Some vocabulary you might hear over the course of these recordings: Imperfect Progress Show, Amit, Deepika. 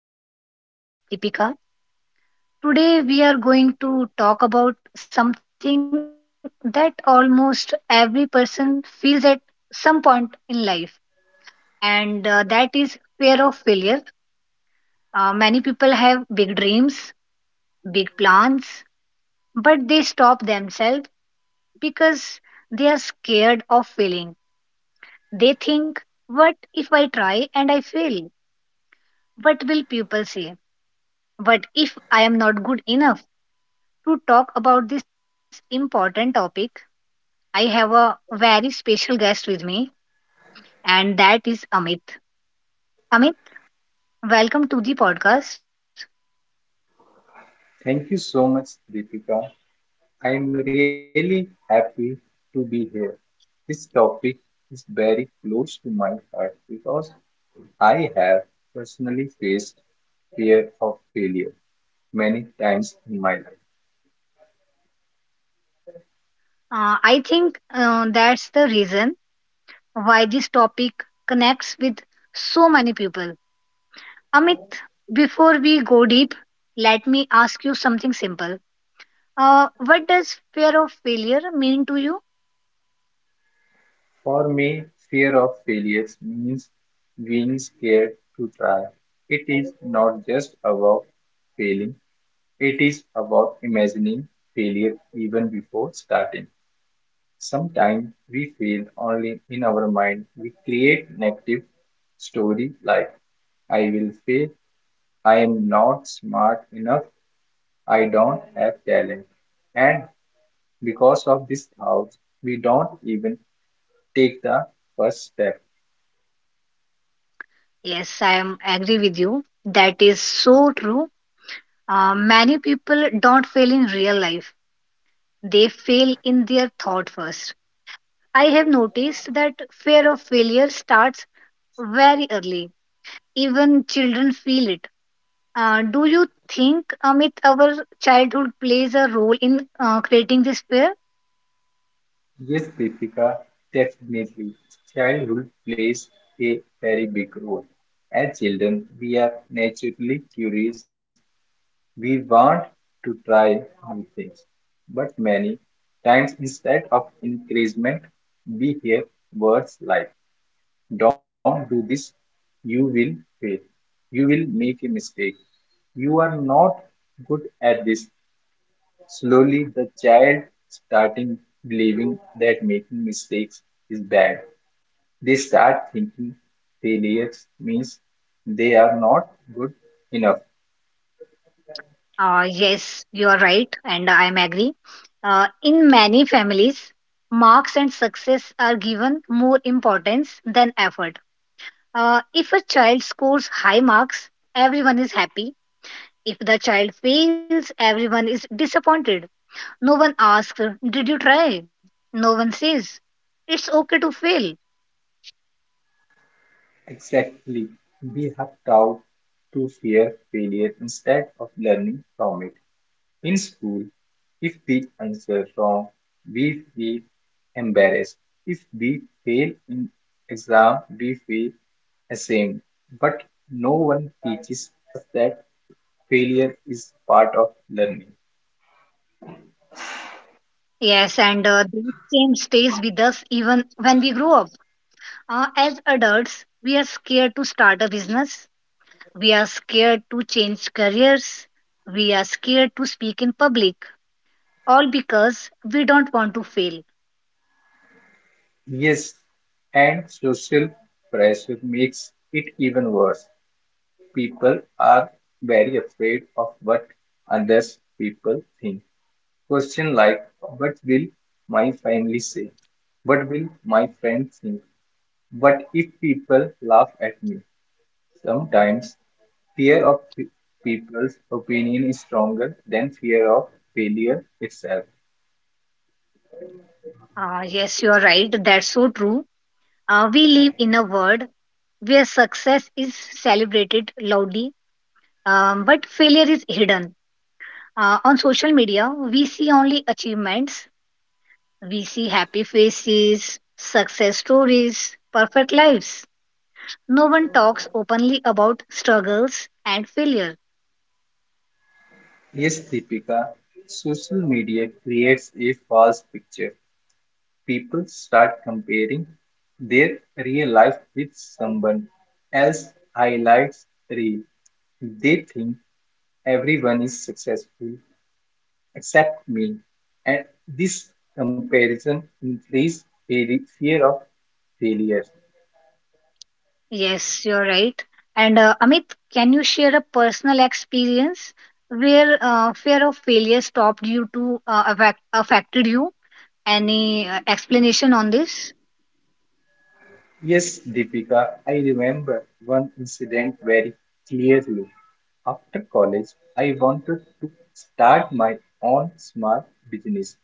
I am your host, Deepika. Today, we are going to talk about something that almost every person feels at some point in life, and that is fear of failure. Many people have big dreams, big plans, but they stop themselves because they are scared of failing. They think, what if I try and I fail? What will people say? But if I am not good enough to talk about this important topic, I have a very special guest with me, and that is Amit. Amit, welcome to the podcast. Thank you so much, Deepika. I am really happy to be here. This topic is very close to my heart because I have personally faced fear of failure many times in my life. I think that's the reason why this topic connects with so many people. Amit, before we go deep, let me ask you something simple. What does fear of failure mean to you? For me, fear of failures means being scared to try. It is not just about failing, it is about imagining failure even before starting. Sometimes we feel only in our mind we create negative story like I will fail, I am not smart enough, I don't have talent. And because of this thought, we don't even take the first step. Yes, I am agree with you. That is so true. Many people don't fail in real life, they fail in their thought first. I have noticed that fear of failure starts very early. Even children feel it. Do you think, Amit, our childhood plays a role in creating this fear? Yes, Deepika, definitely. Childhood plays a very big role. As children, we are naturally curious. We want to try new things, but many times instead of encouragement, we hear words like, don't do this, you will fail, you will make a mistake, you are not good at this. Slowly, the child starting believing that making mistakes is bad. They start thinking failures means they are not good enough. Yes, you are right, and I am agree. In many families, marks and success are given more importance than effort. If a child scores high marks, everyone is happy. If the child fails, everyone is disappointed. No one asks, did you try? No one says, it's okay to fail. Exactly. We have taught to fear failure instead of learning from it. In school, if we answer wrong, we feel embarrassed. If we fail in exam, we feel ashamed. But no one teaches us that failure is part of learning. Yes, and that same stays with us even when we grow up. As adults, we are scared to start a business, we are scared to change careers, we are scared to speak in public, all because we don't want to fail. Yes, and social pressure makes it even worse. People are very afraid of what other people think. Question like, what will my family say? What will my friends think? What if people laugh at me? Sometimes fear of people's opinion is stronger than fear of failure itself. Ah, yes, you are right. That's so true. We live in a world where success is celebrated loudly, but failure is hidden. On social media, we see only achievements, we see happy faces, success stories, perfect lives. No one talks openly about struggles and failure. Yes, Deepika, social media creates a false picture. People start comparing their real life with someone else's highlights reel. They think everyone is successful except me. And this comparison increases their fear of failure. Yes, you're right. And Amit, can you share a personal experience where fear of failure stopped you to affected you? Any explanation on this? Yes, Deepika, I remember one incident very clearly. After college, I wanted to start my own small business.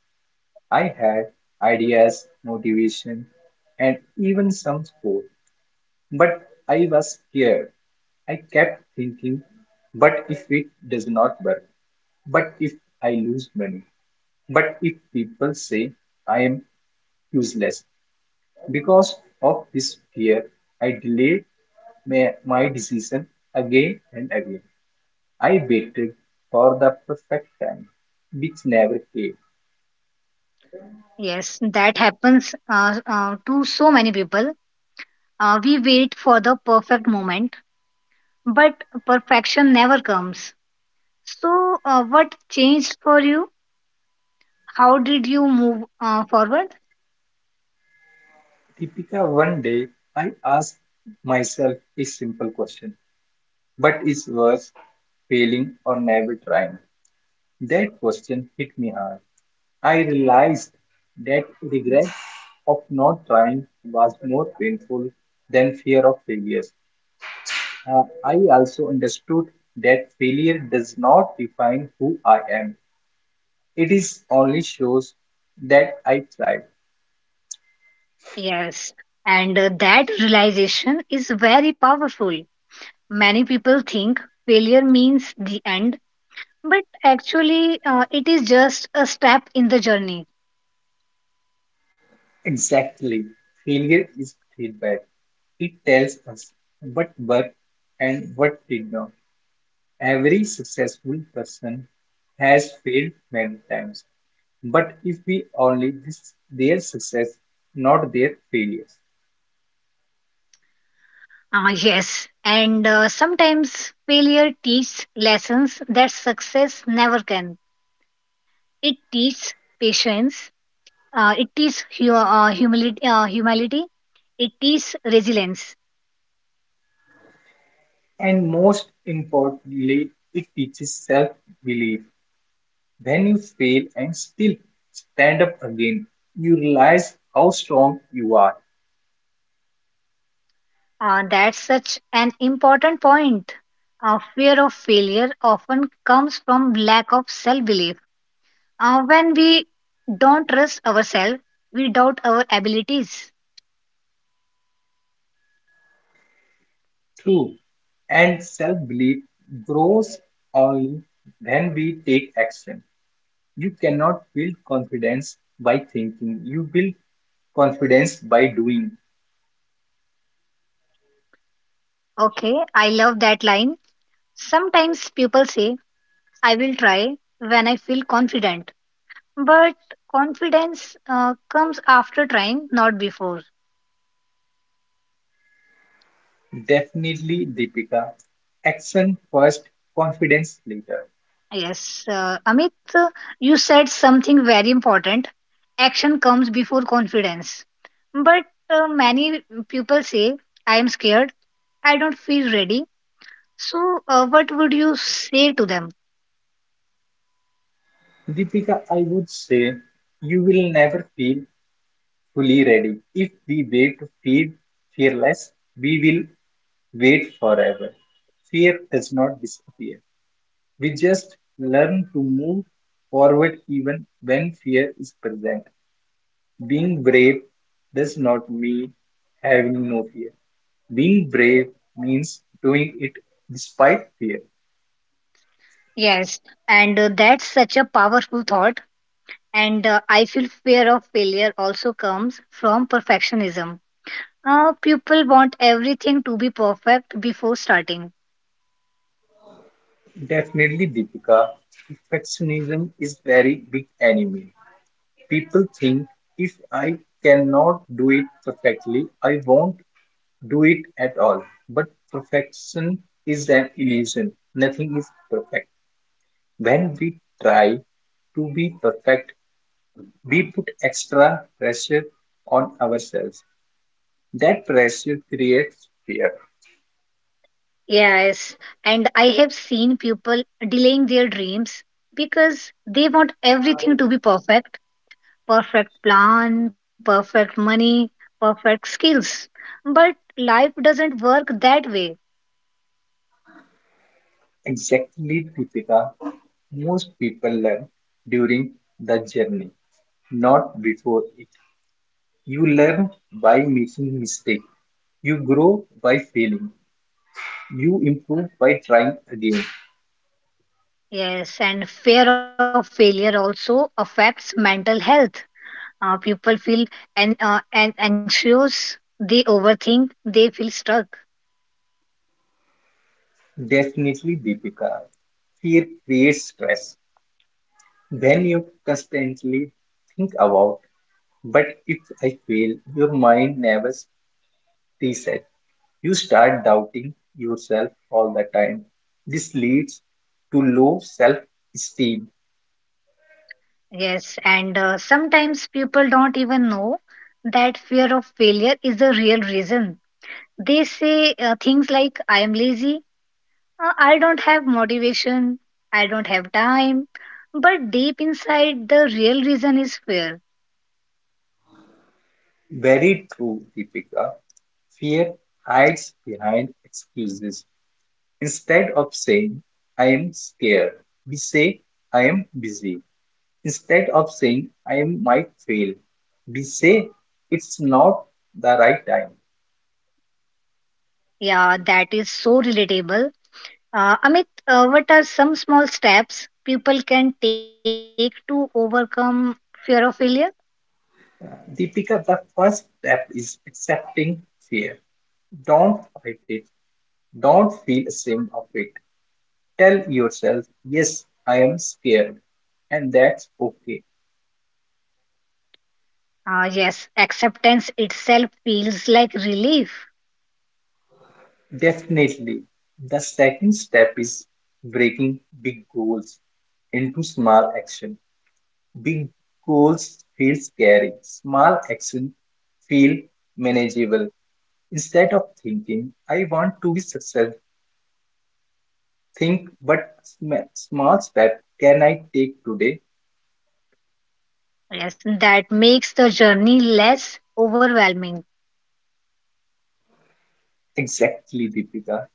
I had ideas, motivation, and even some sport, but I was scared. I kept thinking, but if it does not work, but if I lose money, but if people say I am useless, because of this fear, I delayed my decision again and again. I waited for the perfect time, which never came. Yes, that happens to so many people. We wait for the perfect moment, but perfection never comes. So, what changed for you? How did you move forward? Deepika, one day I asked myself a simple question. But is worse, failing or never trying? That question hit me hard. I realized that regret of not trying was more painful than fear of failures. Uh, I also understood that failure does not define who I am. It is only shows that I tried. Yes, and that realization is very powerful. Many people think failure means the end, but actually, it is just a step in the journey. Exactly. Failure is feedback. It tells us what worked and what did not. Every successful person has failed many times. But if we only list their success, not their failures. Ah, yes. And sometimes failure teaches lessons that success never can. It teaches patience. It teaches humility. It teaches resilience. And most importantly, it teaches self belief. When you fail and still stand up again, you realize how strong you are. That's such an important point. Fear of failure often comes from lack of self-belief. When we don't trust ourselves, we doubt our abilities. True. And self belief grows only when we take action. You cannot build confidence by thinking, you build confidence by doing. Okay, I love that line. Sometimes people say I will try when I feel confident. But confidence comes after trying, not before. Definitely, Deepika. Action first, confidence later. Yes, Amit, you said something very important. Action comes before confidence. But many people say, I am scared, I don't feel ready. So, what would you say to them? Deepika, I would say you will never feel fully ready. If we wait to feel fearless, we will wait forever. Fear does not disappear, we just learn to move forward even when fear is present. Being brave does not mean having no fear. Being brave means doing it despite fear. Yes, and that's such a powerful thought. And I feel fear of failure also comes from perfectionism. People want everything to be perfect before starting. Definitely, Deepika, perfectionism is very big enemy. People think if I cannot do it perfectly, I won't do it at all. But perfection is an illusion. Nothing is perfect. When we try to be perfect, we put extra pressure on ourselves. That pressure creates fear. Yes, and I have seen people delaying their dreams because they want everything to be perfect — perfect plan, perfect money, perfect skills. But life doesn't work that way. Exactly, Deepika, most people learn during the journey, not before it. You learn by making mistakes. You grow by failing. You improve by trying again. Yes, and fear of failure also affects mental health. People feel an anxious, they overthink, they feel stuck. Definitely, Deepika. Fear creates stress. When you constantly think about but if I fail, your mind never resets. You start doubting yourself all the time. This leads to low self esteem. Yes, and sometimes people don't even know that fear of failure is the real reason. They say things like, I am lazy, I don't have motivation, I don't have time. But deep inside, the real reason is fear. Very true, Deepika. Fear hides behind excuses. Instead of saying, I am scared, we say, I am busy. Instead of saying, I am, might fail, we say, it's not the right time. Yeah, that is so relatable. Amit, what are some small steps people can take to overcome fear of failure? Deepika, the first step is accepting fear. Don't fight it. Don't feel ashamed of it. Tell yourself, yes, I am scared, and that's okay. Yes, acceptance itself feels like relief. Definitely. The second step is breaking big goals into small action. Big goals feel scary. Small action feel manageable. Instead of thinking, I want to be successful, think what small step can I take today? Yes, that makes the journey less overwhelming. Exactly, Deepika.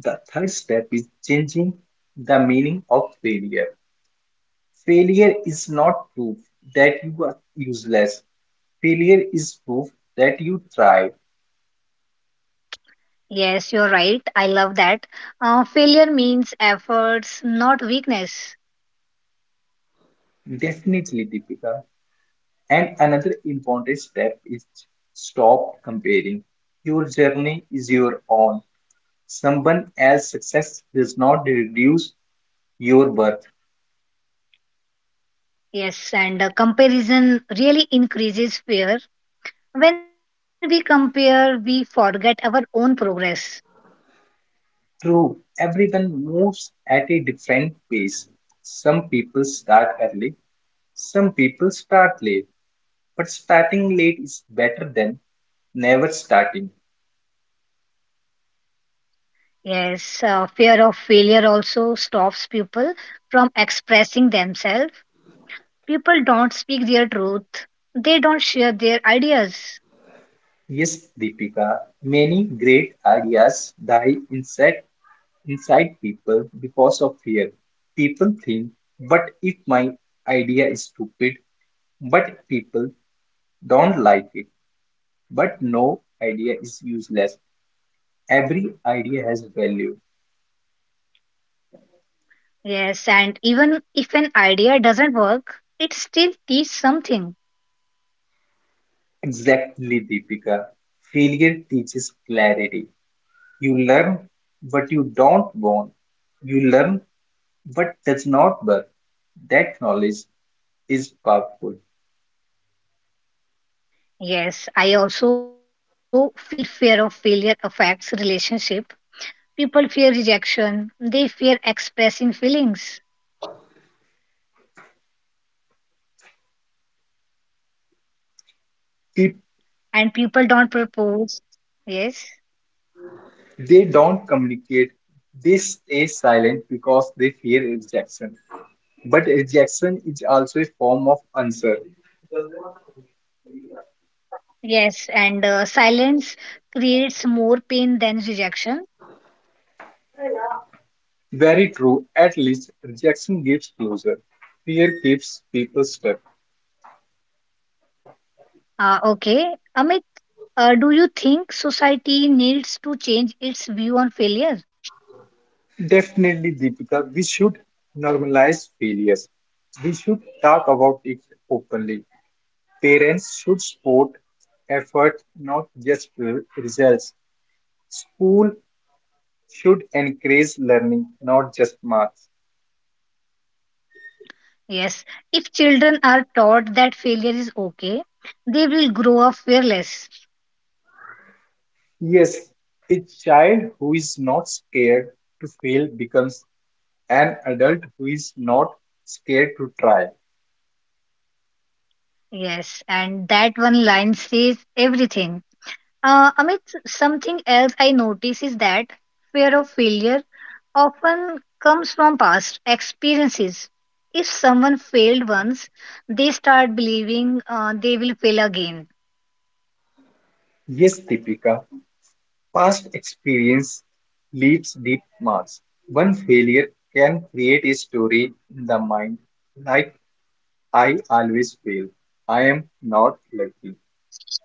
The third step is changing the meaning of failure. Failure is not proof that you are useless. Failure is proof that you thrive. Yes, you're right. I love that. Failure means efforts, not weakness. Definitely, Deepika. And another important step is stop comparing. Your journey is your own. Someone else's success does not reduce your worth. Yes, and comparison really increases fear. When we compare, we forget our own progress. True, everyone moves at a different pace. Some people start early, some people start late, but starting late is better than never starting. Yes, fear of failure also stops people from expressing themselves. People don't speak their truth, they don't share their ideas. Yes, Deepika, many great ideas die inside people because of fear. People think, but if my idea is stupid, but people don't like it, but no idea is useless. Every idea has value. Yes, and even if an idea doesn't work, it still teaches something. Exactly, Deepika. Failure teaches clarity. You learn what you don't want. You learn what does not work. That knowledge is powerful. Yes, I also feel fear of failure affects relationship. People fear rejection, they fear expressing feelings, If and people don't propose. Yes, they don't communicate, they stay silent because they fear rejection. But rejection is also a form of answer. yes, and silence creates more pain than rejection. Very true, at least rejection gives closure. Fear keeps people stuck. Okay, Amit, do you think society needs to change its view on failure? Definitely, Deepika, we should normalize failures. We should talk about it openly. Parents should support effort, not just results. School should encourage learning, not just marks. Yes, if children are taught that failure is okay, they will grow up fearless. Yes, a child who is not scared to fail becomes an adult who is not scared to try. Yes, and that one line says everything. Amit, something else I notice is that fear of failure often comes from past experiences. If someone failed once, they start believing they will fail again. Yes, Deepika, past experience leaves deep marks. One failure can create a story in the mind like I always fail. I am not lucky.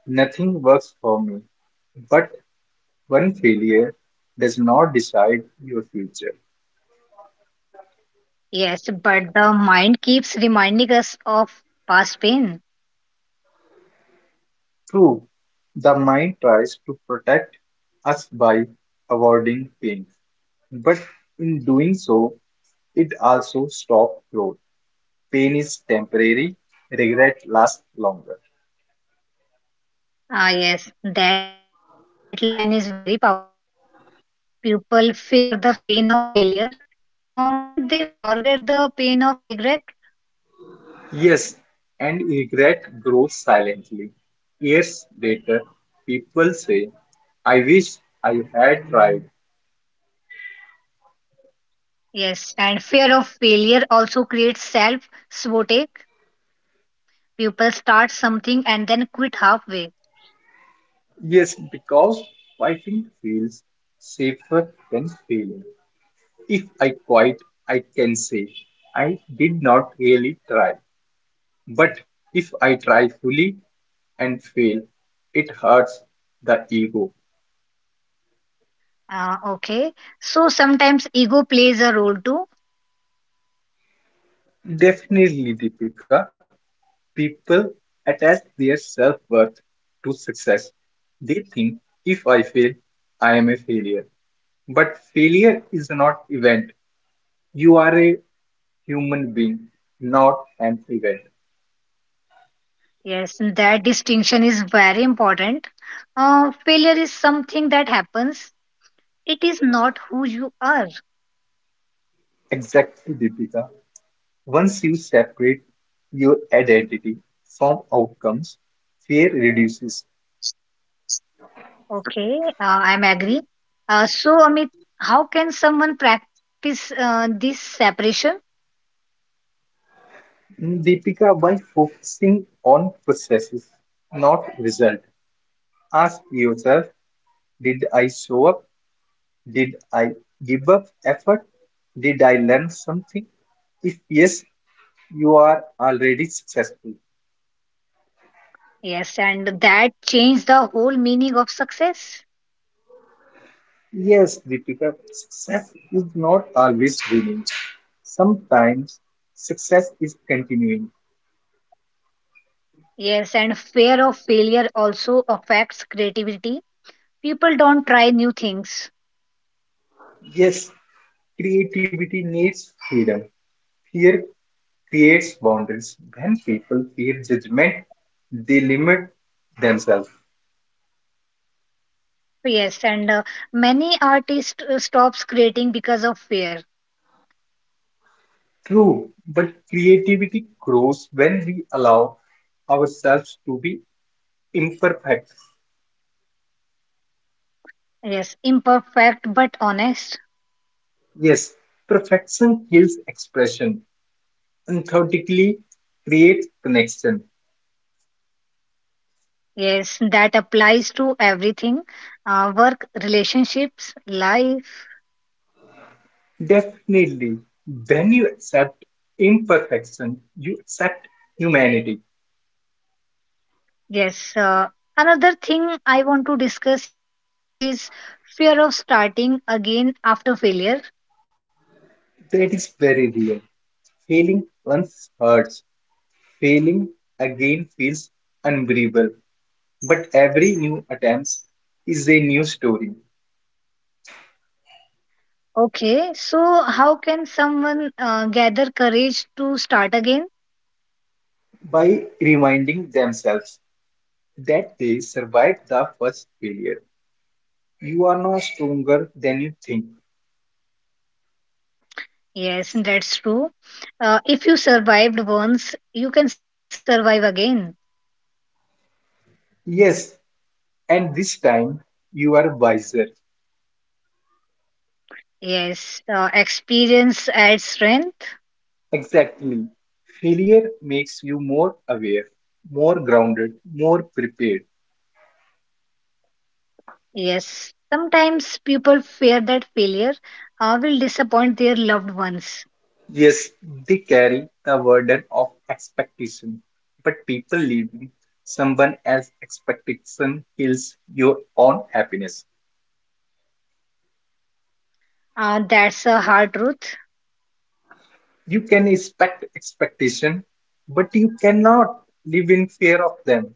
Nothing works for me. But one failure does not decide your future. Yes, but the mind keeps reminding us of past pain. True, the mind tries to protect us by avoiding pain, but in doing so, it also stops growth. Pain is temporary, regret lasts longer. Ah, yes, that line is very powerful. People fear the pain of failure, but they forget the pain of regret. Yes, and regret grows silently. Years later, people say, I wish I had tried. Yes, and fear of failure also creates self sabotage. People start something and then quit halfway. Yes, because fighting feels safer than failing. If I quit, I can say, I did not really try. But if I try fully and fail, it hurts the ego. Okay, so sometimes ego plays a role too. Definitely, Deepika. People attach their self-worth to success. They think if I fail, I am a failure. But failure is not event. You are a human being, not an event. Yes, that distinction is very important. Failure is something that happens, it is not who you are. Exactly, Deepika. Once you separate your identity from outcomes, fear reduces. Okay, I'm agree. So, Amit, how can someone practice this separation? Deepika, by focusing on processes, not result, ask yourself, did I show up? Did I give up effort? Did I learn something? If yes, you are already successful. Yes, and that change the whole meaning of success. Yes, Deepika, success is not always winning. Sometimes success is continuing. Yes, and fear of failure also affects creativity. People don't try new things. Yes, creativity needs freedom. Fear creates boundaries. When people fear judgment, they limit themselves. Yes, and many artists stops creating because of fear. True, but creativity grows when we allow ourselves to be imperfect. Yes, imperfect but honest. Yes, perfection kills expression, authentically creates connection. Yes, that applies to everything, work, relationships, life. Definitely, when you accept imperfection, you accept humanity. Yes. Another thing I want to discuss is fear of starting again after failure. That is very real. Failing once hurts. Failing again feels unbearable. But every new attempt is a new story Okay. So, how can someone gather courage to start again? by reminding themselves that they survived the first failure. You are no stronger than you think. Yes, that's true. If you survived once, you can survive again. Yes, and this time you are wiser. Yes. Experience adds strength. Exactly. Failure makes you more aware, more grounded, more prepared. Yes. Sometimes people fear that failure will disappoint their loved ones. Yes, they carry the burden of expectation, but people leaving someone else's expectation kills your own happiness. That's a hard truth. You can expect expectation, but you cannot live in fear of them.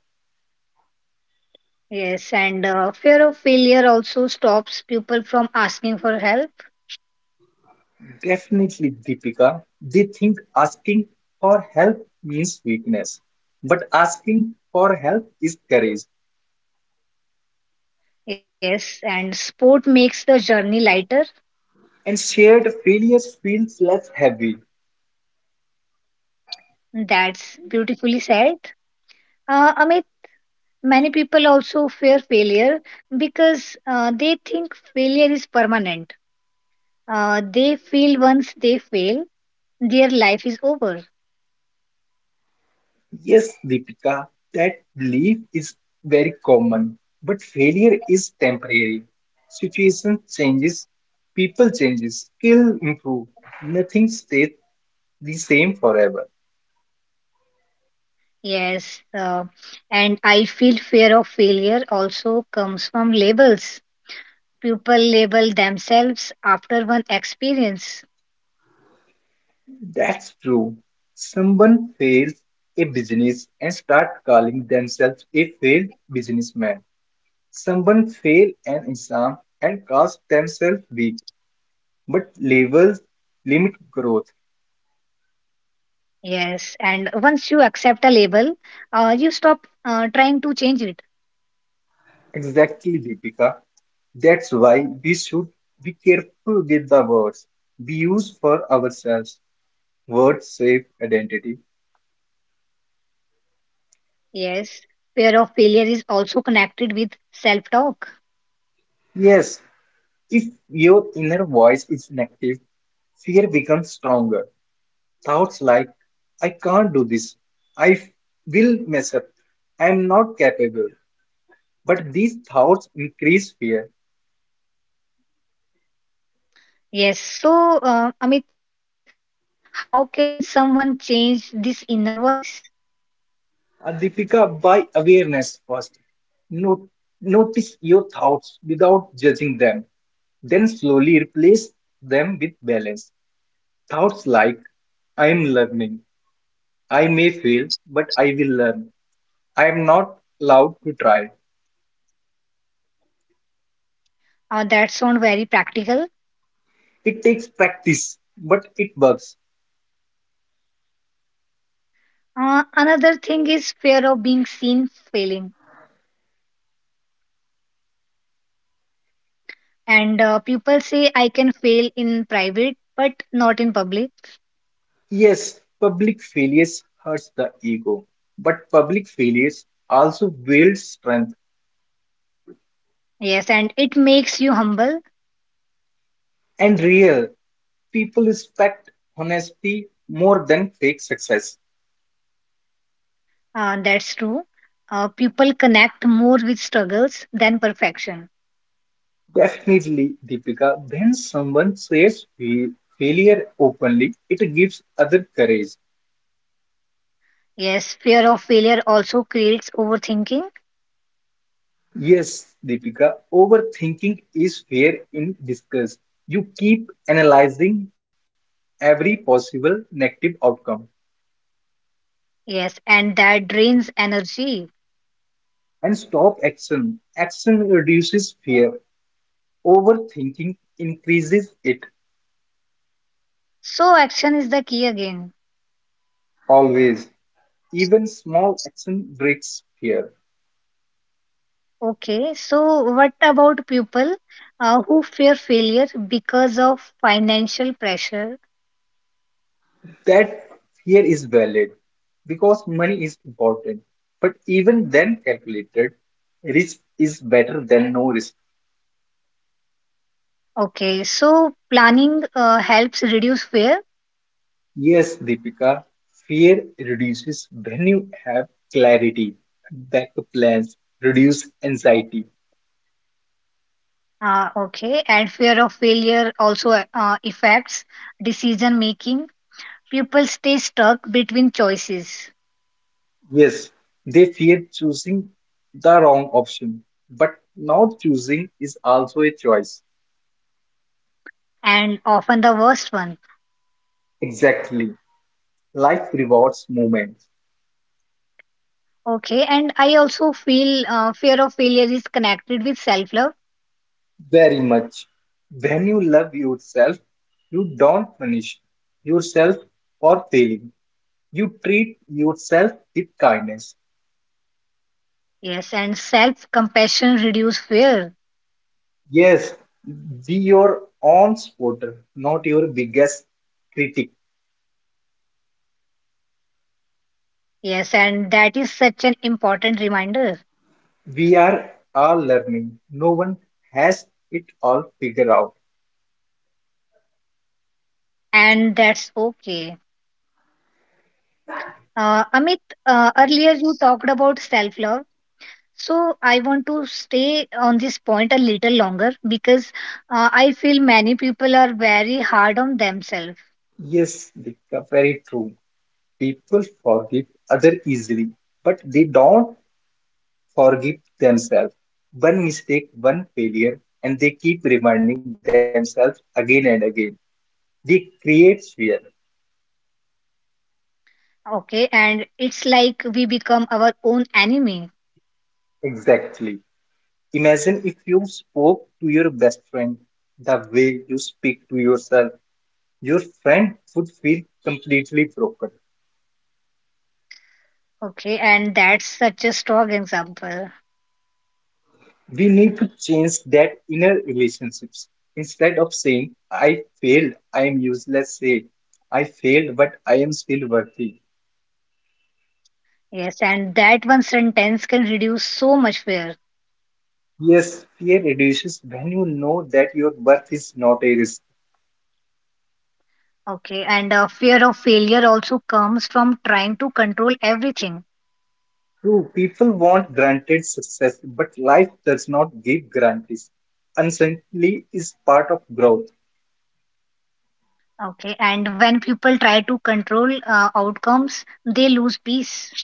Yes, and fear of failure also stops people from asking for help. Definitely, Deepika. They think asking for help means weakness, but asking for help is courage, Yes, and sport makes the journey lighter. and shared failures feels less heavy. That's beautifully said. Amit, many people also fear failure because they think failure is permanent. They feel once they fail, their life is over. Yes, Deepika, that belief is very common, but failure is temporary. Situation changes, people changes, skill improve. Nothing stays the same forever. Yes, and I feel fear of failure also comes from labels. People label themselves after one experience. That's true. Someone fails a business and start calling themselves a failed businessman. Someone fail an exam and calls themselves weak, but labels limit growth. Yes, and once you accept a label, you stop trying to change it. Exactly, Deepika. That's why we should be careful with the words we use for ourselves. Words shape identity. Yes, fear of failure is also connected with self talk. Yes, if your inner voice is negative, fear becomes stronger. Thoughts like, I can't do this, I will mess up, I am not capable. But these thoughts increase fear. Yes, so Amit, how can someone change this inner voice? Uh, by awareness first, Not- notice your thoughts without judging them, then slowly replace them with balance. Thoughts like, I am learning, I may fail, but I will learn. I am not allowed to try. That sounds very practical. It takes practice, but it works. Another thing is fear of being seen failing. And people say I can fail in private, but not in public. Yes, public failures hurts the ego, but public failures also builds strength Yes, and it makes you humble. and real. People respect honesty more than fake success. That's true. People connect more with struggles than perfection. Definitely, Deepika, when someone says failure openly, it gives other courage. Yes, fear of failure also creates overthinking. Yes, Deepika, overthinking is fair in discuss. You keep analyzing every possible negative outcome Yes, and that drains energy. and stop action. Action reduces fear. Overthinking increases it So, action is the key again. always. Even small action breaks fear. Okay, so what about people who fear failure because of financial pressure? That fear is valid because money is important. But even then calculated, risk is better than no risk. Okay, so planning helps reduce fear. Yes, Deepika, fear reduces when you have clarity, backup plans, reduce anxiety. Okay, and fear of failure also affects decision making. People stay stuck between choices Yes, they fear choosing the wrong option, but not choosing is also a choice. and often the worst one. Exactly. Life rewards movement Okay, and I also feel fear of failure is connected with self love. very much. When you love yourself, you don't punish yourself for failing. You treat yourself with kindness. Yes, and self compassion reduce fear. Yes, be your own supporter, not your biggest critic. Yes, and that is such an important reminder. We are all learning. No one has it all figured out. And that's okay. Amit, earlier you talked about self love. So I want to stay on this point a little longer because I feel many people are very hard on themselves. Yes, Dikka, very true. People forgive other easily, but they don't forgive themselves. One mistake, one failure, and they keep reminding themselves again and again. They create fear. Okay, and it's like we become our own enemy. Exactly. Imagine if you spoke to your best friend the way you speak to yourself, your friend would feel completely broken. Okay, and that's such a strong example. We need to change that inner relationships. Instead of saying, I failed, I am useless, say, I failed, but I am still worthy. Yes, and that one sentence can reduce so much fear. Yes, fear reduces when you know that your worth is not a risk. Okay, and fear of failure also comes from trying to control everything. True, people want granted success, but life does not give guarantees. Uncertainty is part of growth. Okay, and when people try to control outcomes, they lose peace.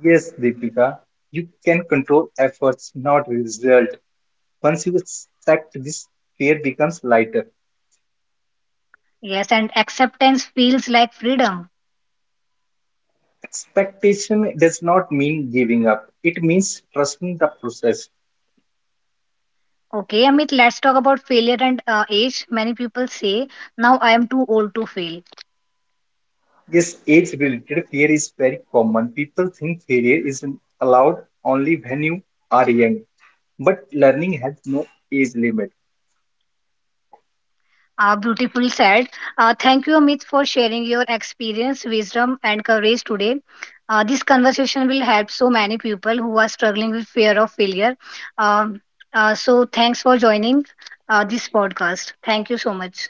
Yes, Deepika, you can control efforts, not result. Once you accept this, fear becomes lighter. Yes, and acceptance feels like freedom. Expectation does not mean giving up. It means trusting the process. Okay, Amit, let's talk about failure and age. Many people say, now I am too old to fail. Yes, age-related fear is very common. People think failure is allowed only when you are young, but learning has no age limit. Beautifully said. Thank you, Amit, for sharing your experience, wisdom, and courage today. This conversation will help so many people who are struggling with fear of failure. Um, so, thanks for joining this podcast. Thank you so much.